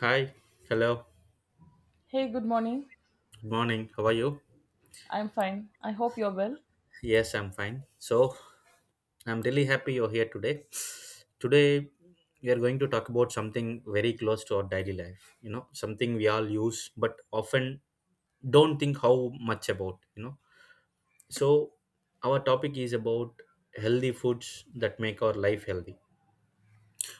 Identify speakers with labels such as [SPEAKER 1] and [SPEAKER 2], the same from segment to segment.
[SPEAKER 1] Hi, hello,
[SPEAKER 2] Hey, good morning.
[SPEAKER 1] good morning. How are you?
[SPEAKER 2] I'm fine. I hope you're well.
[SPEAKER 1] Yes, I'm fine. I'm really happy you're here today. Today, we are going to talk about something very close to our daily life, you know, something we all use but often don't think how much about, you know. So, our topic is about healthy foods that make our life healthy.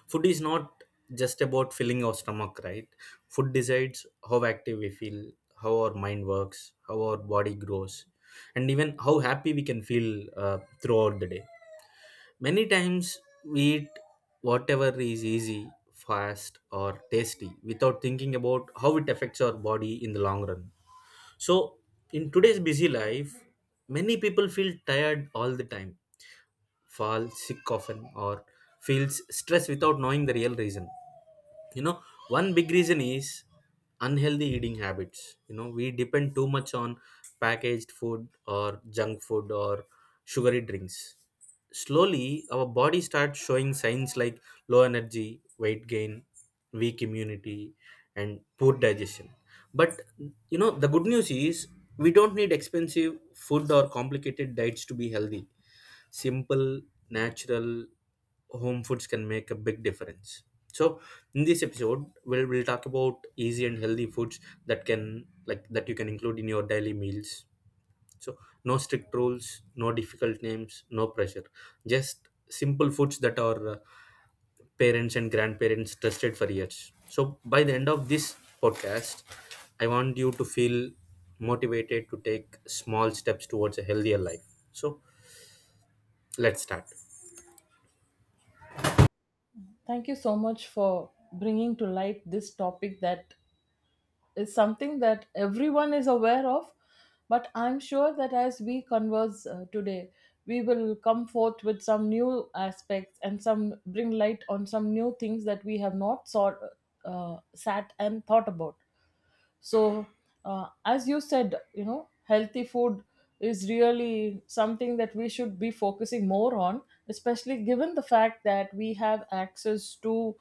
[SPEAKER 1] Food is not just about filling our stomach, right? Food decides how active we feel, how our mind works, how our body grows, and even how happy we can feel throughout the day. Many times we eat whatever is easy, fast, or tasty without thinking about how it affects our body in the long run. So in today's busy life, many people feel tired all the time, fall sick often, or feels stressed without knowing the real reason. You know, one big reason is unhealthy eating habits. You know, we depend too much on packaged food or junk food or sugary drinks. Slowly our body starts showing signs like low energy, weight gain, weak immunity, and poor digestion. But you know, the good news is we don't need expensive food or complicated diets to be healthy. Simple, natural home foods can make a big difference. So in this episode we'll talk about easy and healthy foods that can, like, that you can include in your daily meals. So no strict rules, no difficult names, no pressure, just simple foods that are parents and grandparents trusted for years. So by the end of this podcast, I want you to feel motivated to take small steps towards a healthier life. So let's start.
[SPEAKER 2] Thank you so much for bringing to light this topic that is something that everyone is aware of. But I'm sure that as we converse today, we will come forth with some new aspects and some bring light on some new things that we have not sought, sat and thought about. So as you said, you know, healthy food is really something that we should be focusing more on, especially given the fact that we have access to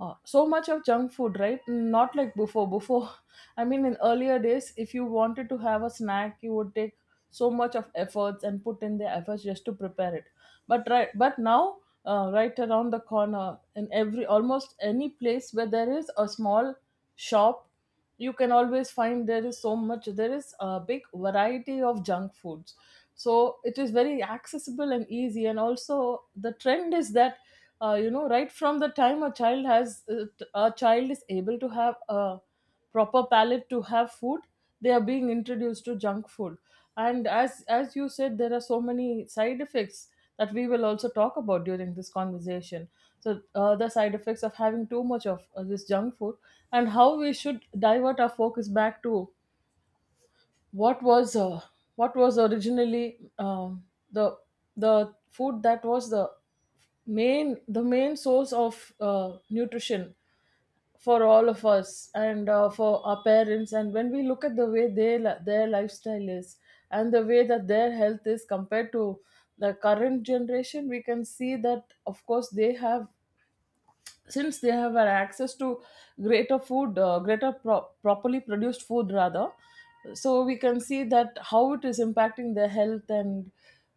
[SPEAKER 2] so much of junk food, right? Not like before. I mean, in earlier days, if you wanted to have a snack, you would take so much of efforts and put in the efforts just to prepare it. But now, right around the corner, in every almost any place where there is a small shop, you can always find there is so much there is a big variety of junk foods. So it is very accessible and easy, and also the trend is that you know, right from the time a child is able to have a proper palate to have food, they are being introduced to junk food. And as you said, there are so many side effects that we will also talk about during this conversation. So the side effects of having too much of this junk food, and how we should divert our focus back to what was originally, the the food that was the main source of nutrition for all of us, and for our parents. And when we look at the way their lifestyle is, and the way that their health is compared to the current generation, we can see that, of course, they have, since they have an access to greater food greater properly produced food rather. So we can see that how it is impacting their health. And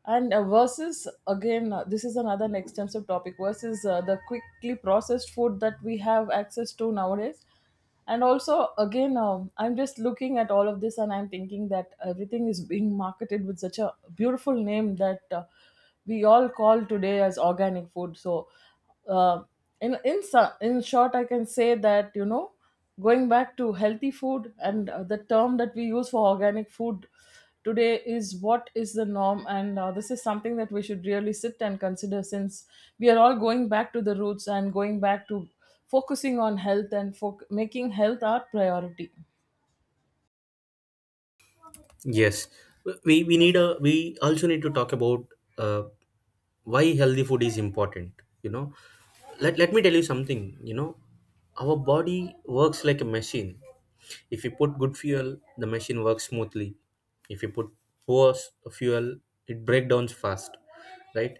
[SPEAKER 2] versus again, this is another extensive topic, versus the quickly processed food that we have access to nowadays. And also again, I'm just looking at all of this and I'm thinking that everything is being marketed with such a beautiful name that we all call today as organic food. So uh, in short, I can say that, you know, going back to healthy food, and the term that we use for organic food today is what is the norm. And this is something that we should really sit and consider, since we are all going back to the roots and going back to focusing on health and foc making health our priority.
[SPEAKER 1] Yes, we need a, we also need to talk about uh, why healthy food is important. You know, let me tell you something. You know, our body works like a machine. If you put good fuel, the machine works smoothly. If you put fuel, it breaks down fast, right?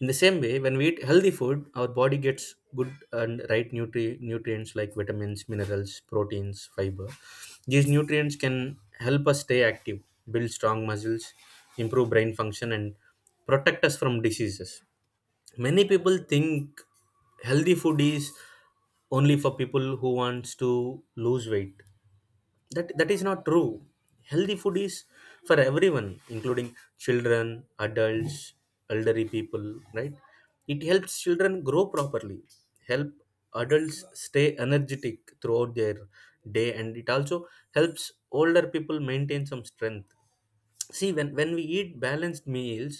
[SPEAKER 1] In the same way, when we eat healthy food, our body gets good and right nutrients like vitamins, minerals, proteins, fiber. These nutrients can help us stay active, build strong muscles, improve brain function, and protect us from diseases. Many people think healthy food is only for people who wants to lose weight. That that is not true. Healthy food is for everyone, including children, adults, elderly people, right? It helps children grow properly, help adults stay energetic throughout their day, and it also helps older people maintain some strength. See, when we eat balanced meals,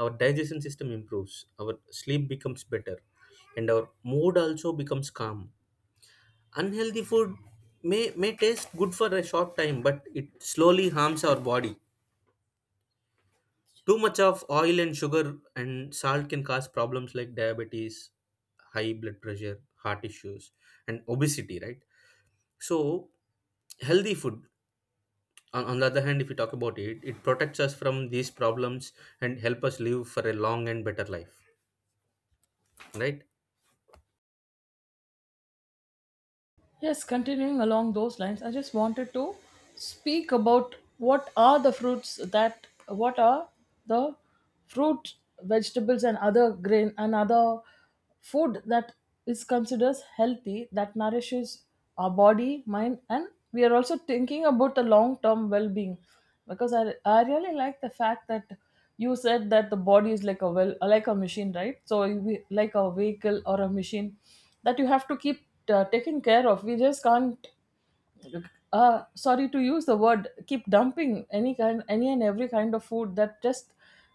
[SPEAKER 1] our digestion system improves, our sleep becomes better, and our mood also becomes calm. Unhealthy food may taste good for a short time, but it slowly harms our body. Too much of oil and sugar and salt can cause problems like diabetes, high blood pressure, heart issues, and obesity, right? So healthy food, on the other hand, if you talk about it, it protects us from these problems and help us live for a long and better life, right?
[SPEAKER 2] Yes, continuing along those lines, I just wanted to speak about what are the fruits, that what are the fruit, vegetables, and other grain and other food that is considered healthy, that nourishes our body, mind, and we are also thinking about the long term well being. Because I really like the fact that you said that the body is like a machine right? So like a vehicle or a machine that you have to keep taking care of. We just can't, uh, sorry to use the word, keep dumping any kind, any and every kind of food that just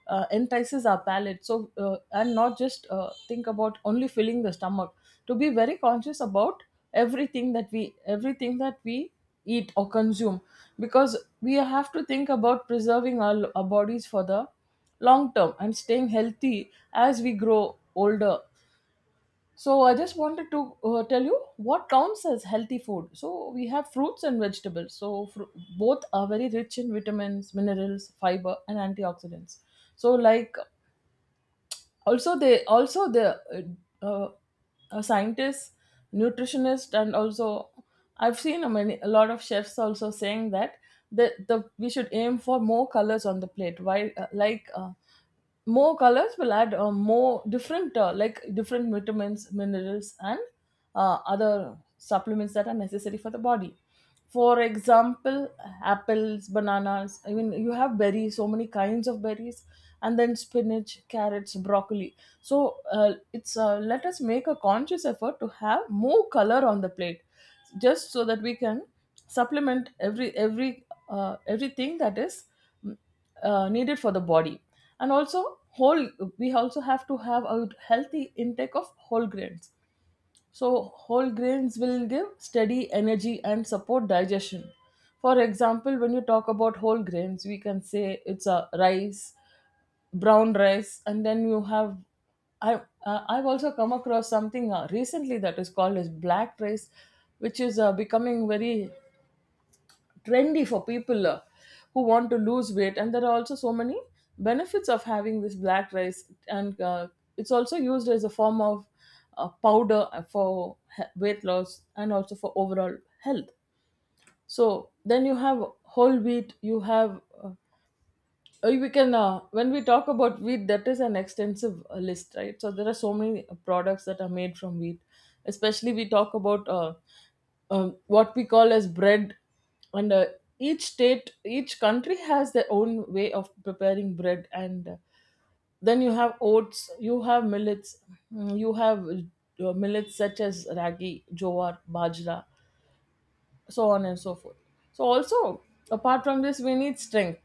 [SPEAKER 2] entices our palate. So and not just think about only filling the stomach, to be very conscious about everything that we eat or consume, because we have to think about preserving our bodies for the long term and staying healthy as we grow older. So I just wanted to tell you what counts as healthy food. So we have fruits and vegetables. So both are very rich in vitamins, minerals, fiber, and antioxidants. So like also they also the uh, uh, a scientist, nutritionist, and also I've seen a lot of chefs also saying that the we should aim for more colors on the plate. Why? More colors will add more different, different vitamins, minerals, and other supplements that are necessary for the body. For example, apples, bananas, I mean, you have berries, so many kinds of berries, and then spinach, carrots, broccoli. So it's let us make a conscious effort to have more color on the plate, just so that we can supplement everything that is, mm, needed for the body. And also whole we also have to have a healthy intake of whole grains. So, whole grains will give steady energy and support digestion. For example, when you talk about whole grains, we can say it's a rice, brown rice, and then you have. I, I've also come across something recently that is called as black rice, which is becoming very trendy for people who want to lose weight. And there are also so many benefits of having this black rice. And it's also used as a form of powder for weight loss and also for overall health. So then you have whole wheat, you have, we can when we talk about wheat, that is an extensive list, right? So there are so many products that are made from wheat, especially we talk about what we call as bread. And each state, each country has their own way of preparing bread. And then you have oats, you have millets. You have millets such as ragi, jowar, bajra, so on and so forth. So also apart from this, we need strength,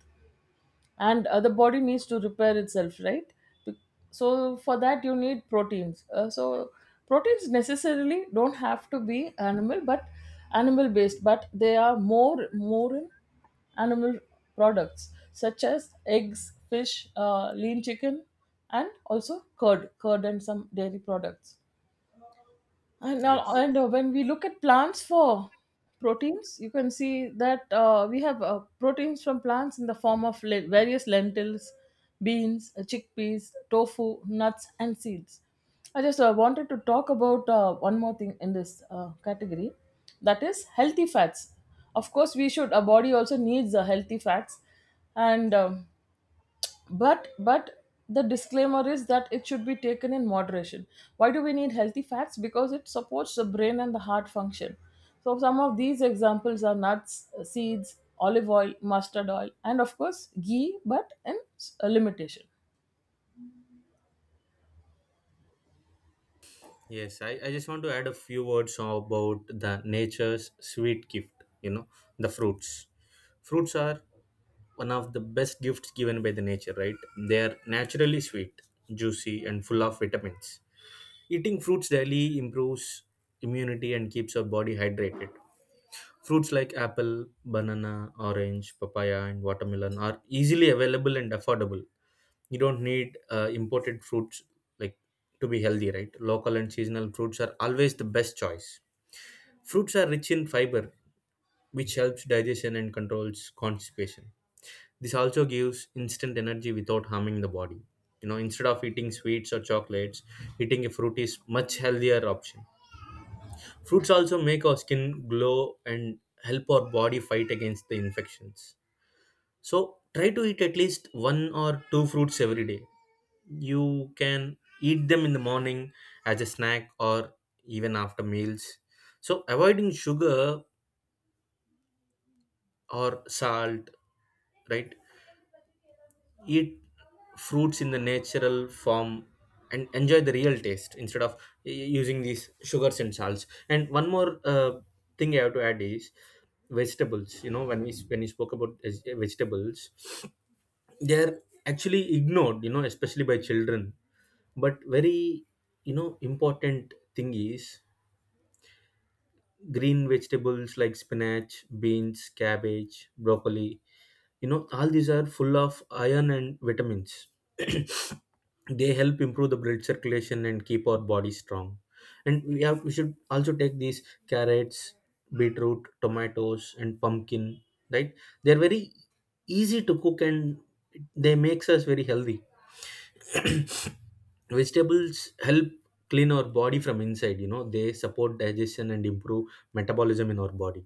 [SPEAKER 2] and the body needs to repair itself, right? Be- so for that, you need proteins. So proteins necessarily don't have to be animal based, but they are more in animal products such as eggs, fish, lean chicken, and also curd and some dairy products. And, now,
[SPEAKER 1] Yes.
[SPEAKER 2] and when we look at plants for proteins, you can see that we have proteins from plants in the form of various lentils, beans, chickpeas, tofu, nuts, and seeds. I just wanted to talk about one more thing in this category, that is healthy fats. Of course, we should, our body also needs healthy fats. And but the disclaimer is that it should be taken in moderation. Why do we need healthy fats? Because it supports the brain and the heart function. So some of these examples are nuts, seeds, olive oil, mustard oil, and of course ghee, but in a limitation.
[SPEAKER 1] Yes, I just want to add a few words about the nature's sweet gift, you know, the fruits. Fruits are one of the best gifts given by the nature, right? They are naturally sweet, juicy, and full of vitamins. Eating fruits daily improves immunity and keeps our body hydrated. Fruits like apple, banana, orange, papaya, and watermelon are easily available and affordable. You don't need imported fruits like to be healthy, right? Local and seasonal fruits are always the best choice. Fruits are rich in fiber, which helps digestion and controls constipation. This also gives instant energy without harming the body. You know, instead of eating sweets or chocolates, eating a fruit is much healthier option. Fruits also make our skin glow and help our body fight against the infections. So try to eat at least one or two fruits every day. You can eat them in the morning, as a snack, or even after meals. So avoiding sugar or salt, right? Eat fruits in the natural form and enjoy the real taste instead of using these sugars and salts. And one more thing I have to add is vegetables. You know, when we spoke about vegetables, they're actually ignored, you know, especially by children. But very, you know, important thing is green vegetables like spinach, beans, cabbage, broccoli. You know, all these are full of iron and vitamins. They help improve the blood circulation and keep our body strong. And we have, we should also take these carrots, beetroot, tomatoes, and pumpkin. Right? They're very easy to cook and they makes us very healthy. Vegetables help clean our body from inside. You know, they support digestion and improve metabolism in our body.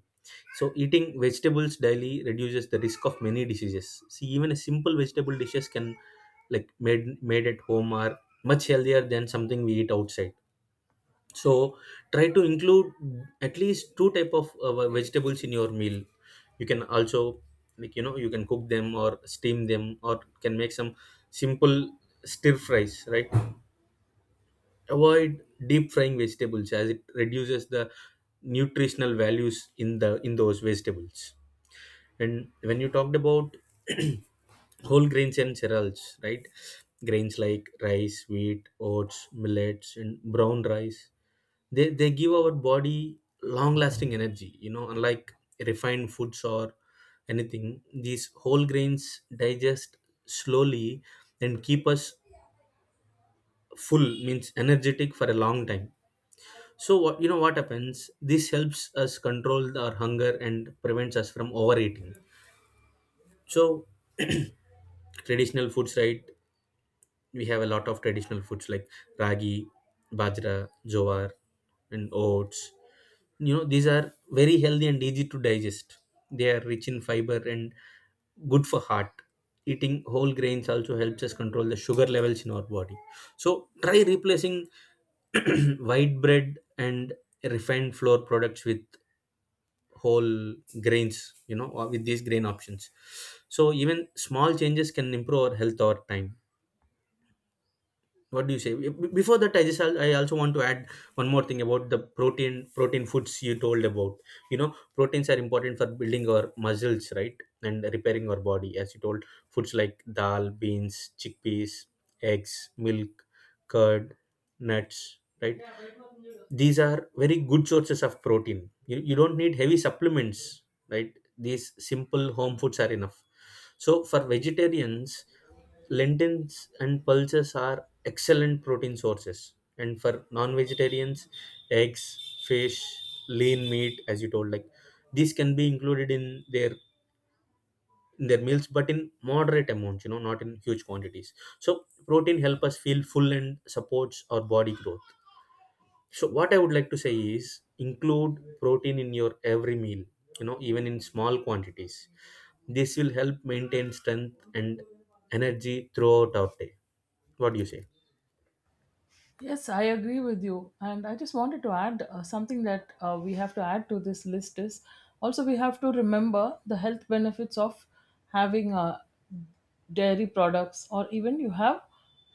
[SPEAKER 1] So eating vegetables daily reduces the risk of many diseases. See, even a simple vegetable dishes can, like, made at home are much healthier than something we eat outside. So try to include at least two type of vegetables in your meal. You can also, like, you know, you can cook them or steam them or can make some simple stir fries. Right? Avoid deep frying vegetables as it reduces the nutritional values in the, in those vegetables. And when you talked about whole grains and cereals, right? Grains like rice, wheat, oats, millets, and brown rice, they give our body long lasting energy. You know, unlike refined foods or anything, these whole grains digest slowly and keep us full, means energetic for a long time. So what, you know, what happens? This helps us control our hunger and prevents us from overeating. So traditional foods, right? We have a lot of traditional foods like ragi, bajra, jowar, and oats. You know, these are very healthy and easy to digest. They are rich in fiber and good for heart. Eating whole grains also helps us control the sugar levels in our body. So try replacing white bread and refined flour products with whole grains, you know, or with these grain options. So even small changes can improve our health over time. What do you say? Before that, I also want to add one more thing about the protein foods you told about. You know, proteins are important for building our muscles, right, and repairing our body. As you told, foods like dal, beans, chickpeas, eggs, milk, curd, nuts, right, these are very good sources of protein. You don't need heavy supplements, right? These simple home foods are enough. So for vegetarians, lentils and pulses are excellent protein sources, and for non-vegetarians, eggs, fish, lean meat, as you told, like, these can be included in their, in their meals, but in moderate amounts, you know, not in huge quantities. So protein help us feel full and supports our body growth. So what I would like to say is include protein in your every meal, you know, even in small quantities. This will help maintain strength and energy throughout our day. What do you say?
[SPEAKER 2] Yes, I agree with you, and I just wanted to add something that we have to add to this list is, also we have to remember the health benefits of having dairy products, or even you have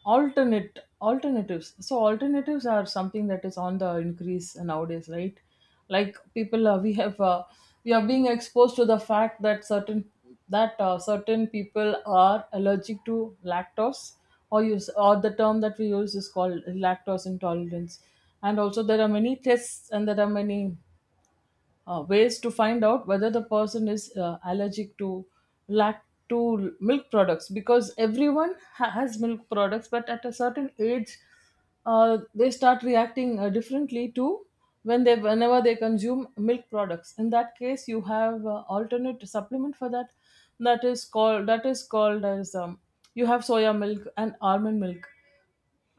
[SPEAKER 2] alternate alternatives. So alternatives are something that is on the increase nowadays, right? Like people, we are being exposed to the fact that certain people are allergic to lactose, or use, or the term that we use is called lactose intolerance. And also, there are many tests and there are many ways to find out whether the person is allergic to lact to milk products, because everyone has milk products, but at a certain age, they start reacting differently to, when they whenever they consume milk products. In that case, you have alternate supplement for that, that is called as, you have soya milk and almond milk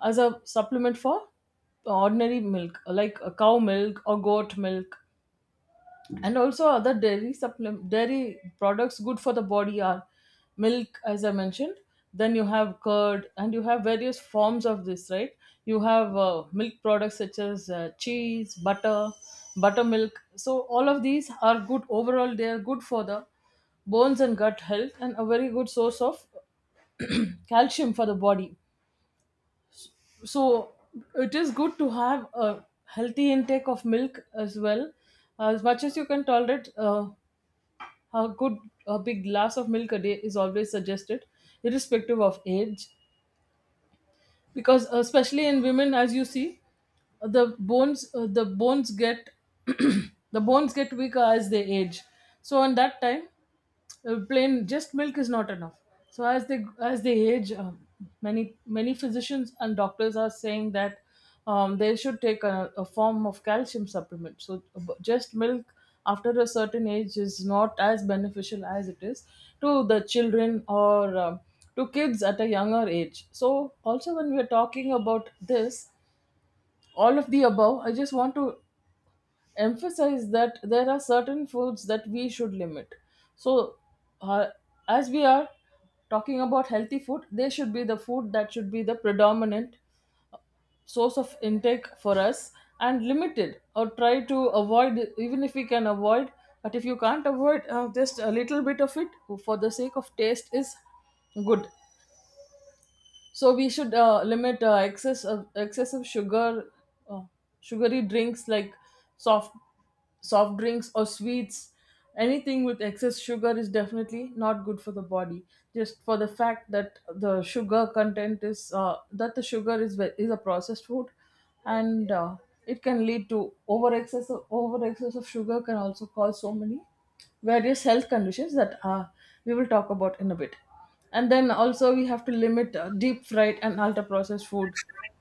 [SPEAKER 2] as a supplement for ordinary milk, like cow milk or goat milk. And also other dairy supplement dairy products good for the body are milk, as I mentioned, then you have curd, and you have various forms of this, right? You have milk products such as cheese, butter, buttermilk. So all of these are good overall, they are good for the bones and gut health, and a very good source of calcium for the body. So it is good to have a healthy intake of milk as well, as much as you can tolerate. A good a big glass of milk a day is always suggested, irrespective of age, because, especially in women, as you see, the bones get the bones get weaker as they age. So in that time, plain just milk is not enough, so as they age, many physicians and doctors are saying that they should take a form of calcium supplement. So just milk after a certain age is not as beneficial as it is to the children, or to kids at a younger age. So also, when we are talking about this, all of the above, I just want to emphasize that there are certain foods that we should limit. So, uh, as we are talking about healthy food, they should be the food that should be the predominant source of intake for us, and limited or try to avoid, even if we can avoid. But if you can't avoid, just a little bit of it for the sake of taste is good. So we should limit, excess of excessive sugar, uh, sugary drinks like soft soft drinks or sweets. Anything with excess sugar is definitely not good for the body, just for the fact that the sugar content is that the sugar is is a processed food. And it can lead to over excess of sugar can also cause so many various health conditions that we will talk about in a bit. And then also, we have to limit deep fried and ultra processed food,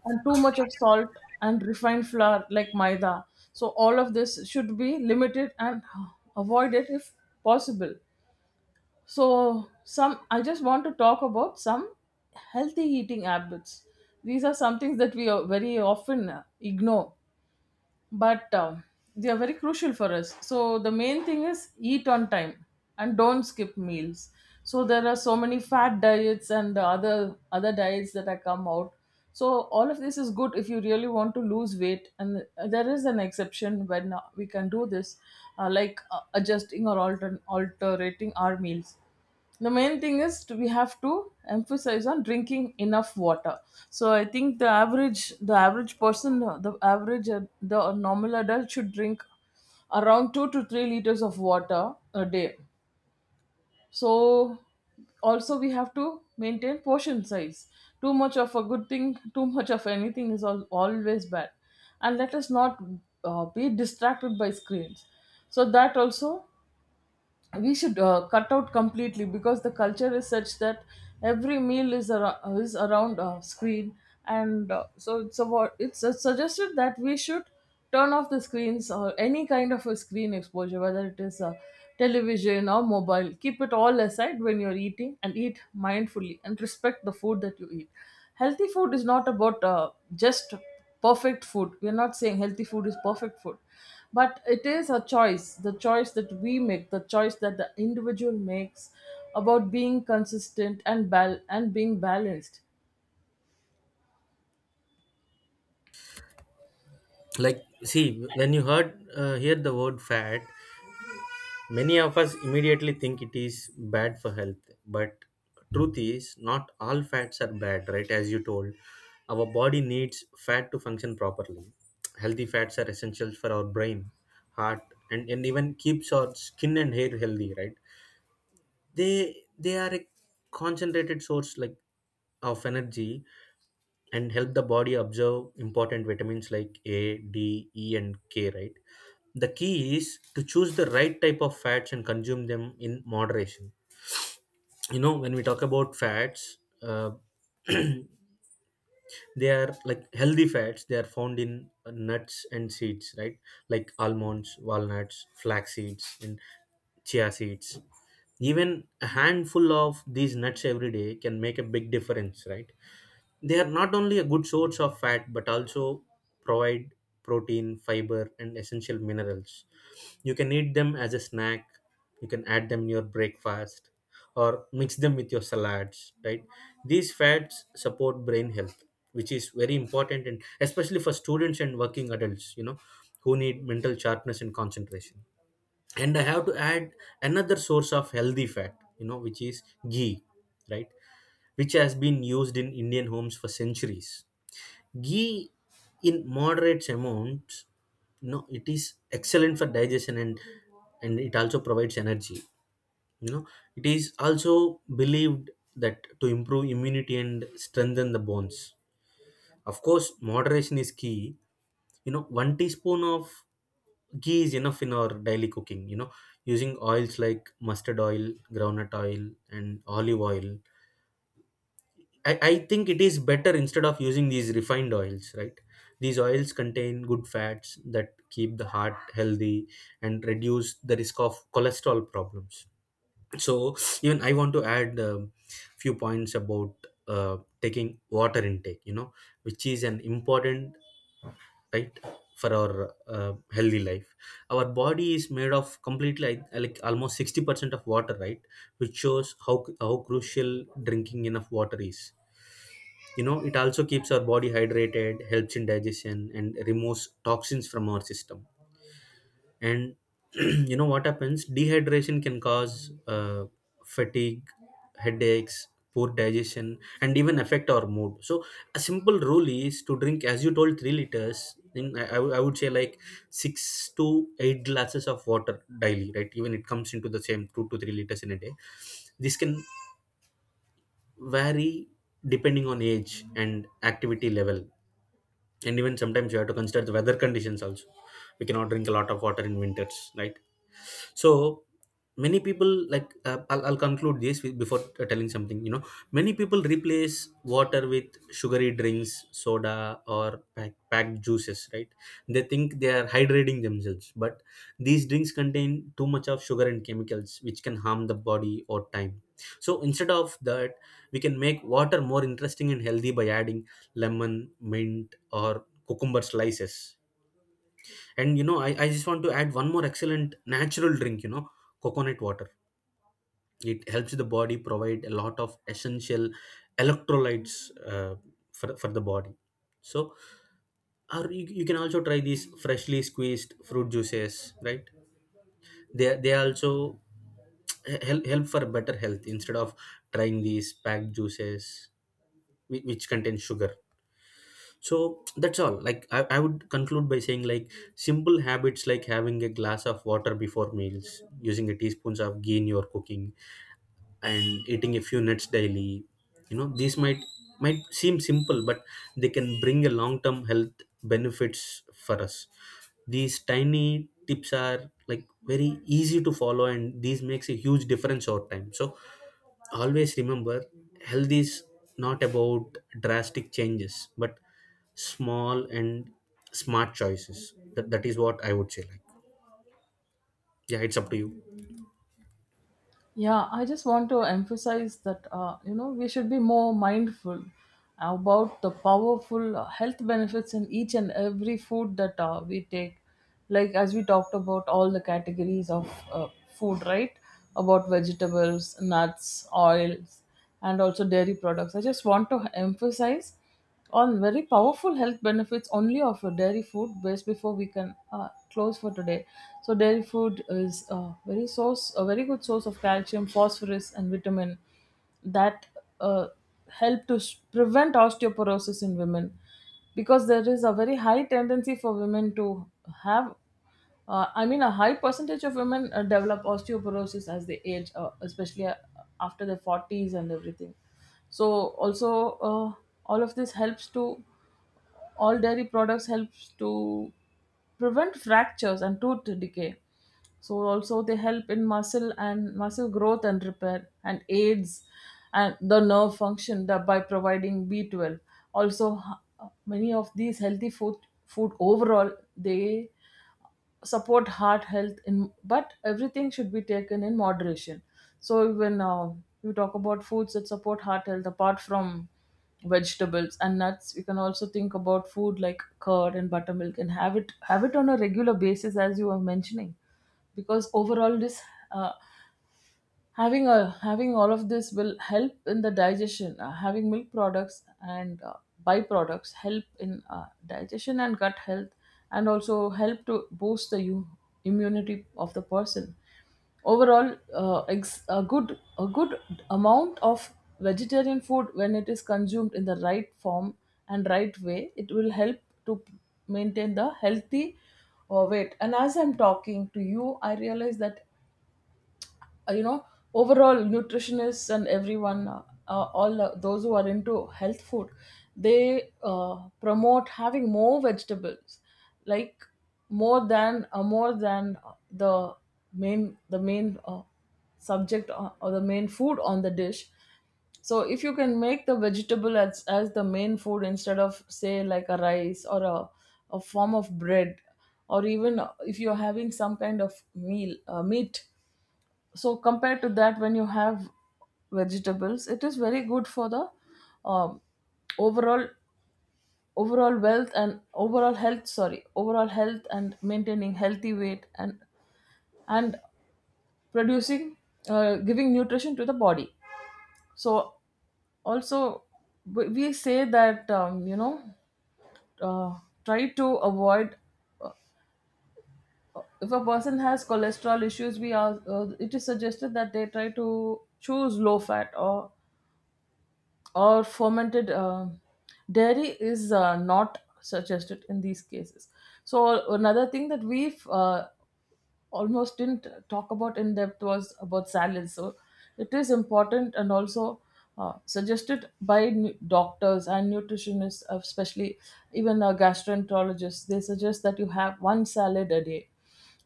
[SPEAKER 2] and too much of salt, and refined flour like maida. So all of this should be limited and avoid it if possible. So some, I just want to talk about some healthy eating habits. These are some things that we very often ignore, but they are very crucial for us. So the main thing is eat on time and don't skip meals. So there are so many fat diets and other diets that have come out. So all of this is good if you really want to lose weight, and there is an exception when we can do this, like adjusting or alterating our meals. The main thing is to, we have to emphasize on drinking enough water. So I think the average person, the normal adult should drink around 2 to 3 liters of water a day. So also, we have to maintain portion size. Too much of a good thing, too much of anything is always bad. And let us not be distracted by screens. So that also, we should cut out completely, because the culture is such that every meal is around a screen. And so it's about, it's suggested that we should turn off the screens or any kind of a screen exposure, whether it is a television or mobile. Keep it all aside when you're eating, and eat mindfully and respect the food that you eat. Healthy food is not about just perfect food. We're not saying healthy food is perfect food, but it is a choice, the choice that we make, the choice that the individual makes, about being consistent and being balanced.
[SPEAKER 1] Like, see when you hear the word fat, many of us immediately think it is bad for health, but truth is not all fats are bad, right? As you told, our body needs fat to function properly. Healthy fats are essential for our brain, heart, and even keeps our skin and hair healthy, right? They are a concentrated source, like, of energy and help the body absorb important vitamins like A, D, E, and K, right? The key is to choose the right type of fats and consume them in moderation. You know, when we talk about fats, they are like healthy fats. They are found in nuts and seeds, right, like almonds, walnuts, flax seeds, and chia seeds. Even a handful of these nuts every day can make a big difference, right? They are not only a good source of fat, but also provide protein, fiber, and essential minerals. You can eat them as a snack, you can add them in your breakfast, or mix them with your salads, right? These fats support brain health, which is very important, and especially for students and working adults, you know, who need mental sharpness and concentration. And I have to add another source of healthy fat, you know, which is ghee, right? Which has been used in Indian homes for centuries. Ghee in moderate amounts, you know, it is excellent for digestion, and it also provides energy. You know, it is also believed that to improve immunity and strengthen the bones. Of course, moderation is key. You know, one teaspoon of ghee is enough in our daily cooking. You know, using oils like mustard oil, groundnut oil, and olive oil, I think it is better instead of using these refined oils, right? These oils contain good fats that keep the heart healthy and reduce the risk of cholesterol problems. So even I want to add a few points about taking water intake, you know, which is an important, right, for our healthy life. Our body is made of completely, like almost 60% of water, right, which shows how crucial drinking enough water is. You know, it also keeps our body hydrated, helps in digestion, and removes toxins from our system. And you know what happens? Dehydration can cause fatigue, headaches, poor digestion, and even affect our mood. So a simple rule is to drink, as you told, 3 liters. I would, I would say, like, six to eight glasses of water daily, right? Even it comes into the same 2 to 3 liters in a day. This can vary depending on age and activity level, and even sometimes you have to consider the weather conditions also. We cannot drink a lot of water in winters, right? So many people, like, I'll conclude this with, before telling something, you know, many people replace water with sugary drinks, soda, or packed juices, right? They think they are hydrating themselves, but these drinks contain too much of sugar and chemicals which can harm the body or time. So instead of that, we can make water more interesting and healthy by adding lemon, mint, or cucumber slices. And you know, I just want to add one more excellent natural drink, you know, coconut water. It helps the body provide a lot of essential electrolytes for the body. So or you can also try these freshly squeezed fruit juices, right? They also help for better health instead of trying these packed juices, which contain sugar. So that's all. Like, I would conclude by saying, like, simple habits like having a glass of water before meals, using a teaspoons of ghee in your cooking, and eating a few nuts daily. You know, these might seem simple, but they can bring a long-term health benefits for us. These tiny tips are, like, very easy to follow, and these makes a huge difference over time. So always remember, health is not about drastic changes, but small and smart choices. That is what I would say, like, yeah, it's up to you.
[SPEAKER 2] Yeah, I just want to emphasize that you know, we should be more mindful about the powerful health benefits in each and every food that we take. Like as we talked about all the categories of food, right? About vegetables, nuts, oils, and also dairy products. I just want to emphasize on very powerful health benefits only of a dairy food based before we can close for today. So dairy food is a very good source of calcium, phosphorus, and vitamin that uh, help to prevent osteoporosis in women, because there is a very high tendency for women to have I mean, a high percentage of women develop osteoporosis as they age, especially after their 40s and everything. So, also, all of this helps to, all dairy products helps to prevent fractures and tooth decay. So, also, they help in muscle and muscle growth and repair, and aids and the nerve function, that by providing B12. Also, many of these food overall, they support heart health, in but everything should be taken in moderation. So even you talk about foods that support heart health, apart from vegetables and nuts, we can also think about food like curd and buttermilk, and have it on a regular basis as you were mentioning. Because overall, this uh, having all of this will help in the digestion. Having milk products and byproducts help in digestion and gut health, and also help to boost the immunity of the person. Overall, a good amount of vegetarian food, when it is consumed in the right form and right way, it will help to maintain the healthy weight. And as I'm talking to you, I realize that you know, overall, nutritionists and everyone, all, those who are into health food, they promote having more vegetables, like more than the the main subject, or the main food on the dish. So if you can make the vegetable as the main food, instead of say like a rice or a form of bread, or even if you're having some kind of meal meat, so compared to that, when you have vegetables, it is very good for the um, overall overall wealth and overall health, sorry, overall health, and maintaining healthy weight, and producing, giving nutrition to the body. So also, we say that you know, uh, try to avoid, if a person has cholesterol issues, we are it is suggested that they try to choose low fat, or fermented, dairy is not suggested in these cases. So another thing that we almost didn't talk about in depth was about silence. So it is important, and also suggested by doctors and nutritionists, especially even gastroenterologists. They suggest that you have one salad a day,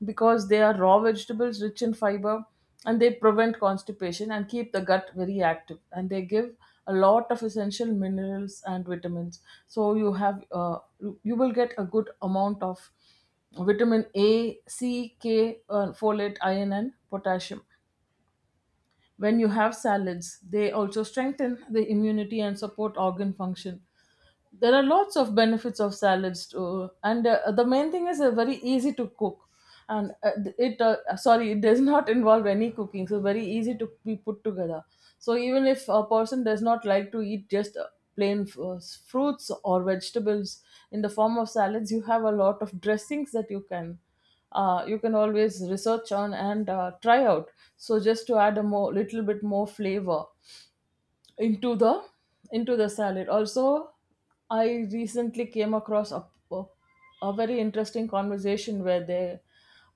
[SPEAKER 2] because they are raw vegetables rich in fiber, and they prevent constipation and keep the gut very active, and they give a lot of essential minerals and vitamins. So you have you you will get a good amount of vitamin A, C, K, folate, iron, and potassium. When you have salads, they also strengthen the immunity and support organ function. There are lots of benefits of salads too, and the main thing is very easy to cook, and it sorry, it does not involve any cooking, so very easy to be put together. So even if a person does not like to eat just plain fruits or vegetables, in the form of salads, you have a lot of dressings that you can always research on and try out, so just to add a more little bit more flavor into the into the salad. Also, I recently came across a, a very interesting conversation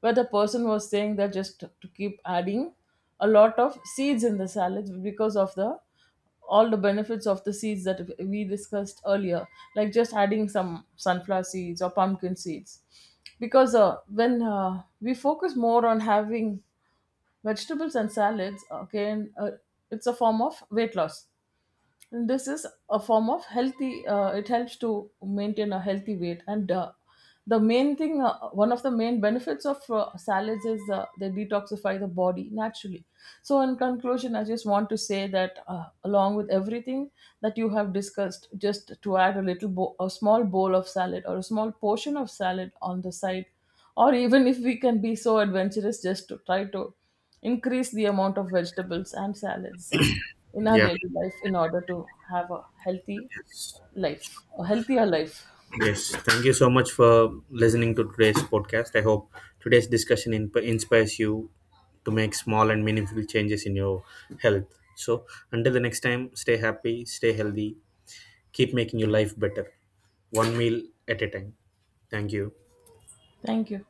[SPEAKER 2] where the person was saying that just to keep adding a lot of seeds in the salad because of the all the benefits of the seeds that we discussed earlier, like just adding some sunflower seeds or pumpkin seeds. Because when we focus more on having vegetables and salads, okay, and, it's a form of weight loss, this is a form of healthy, it helps to maintain a healthy weight. And the main thing, one of the main benefits of salads is they detoxify the body naturally. So in conclusion, I just want to say that along with everything that you have discussed, just to add a a small bowl of salad or a small portion of salad on the side, or even if we can be so adventurous, just to try to increase the amount of vegetables and salads in our
[SPEAKER 1] Yeah.
[SPEAKER 2] daily life, in order to have a healthy life, a healthier life.
[SPEAKER 1] Yes, thank you so much for listening to today's podcast. I hope today's discussion inspires you to make small and meaningful changes in your health. So until the next time, stay happy, stay healthy, keep making your life better, one meal at a time. Thank you.
[SPEAKER 2] Thank you.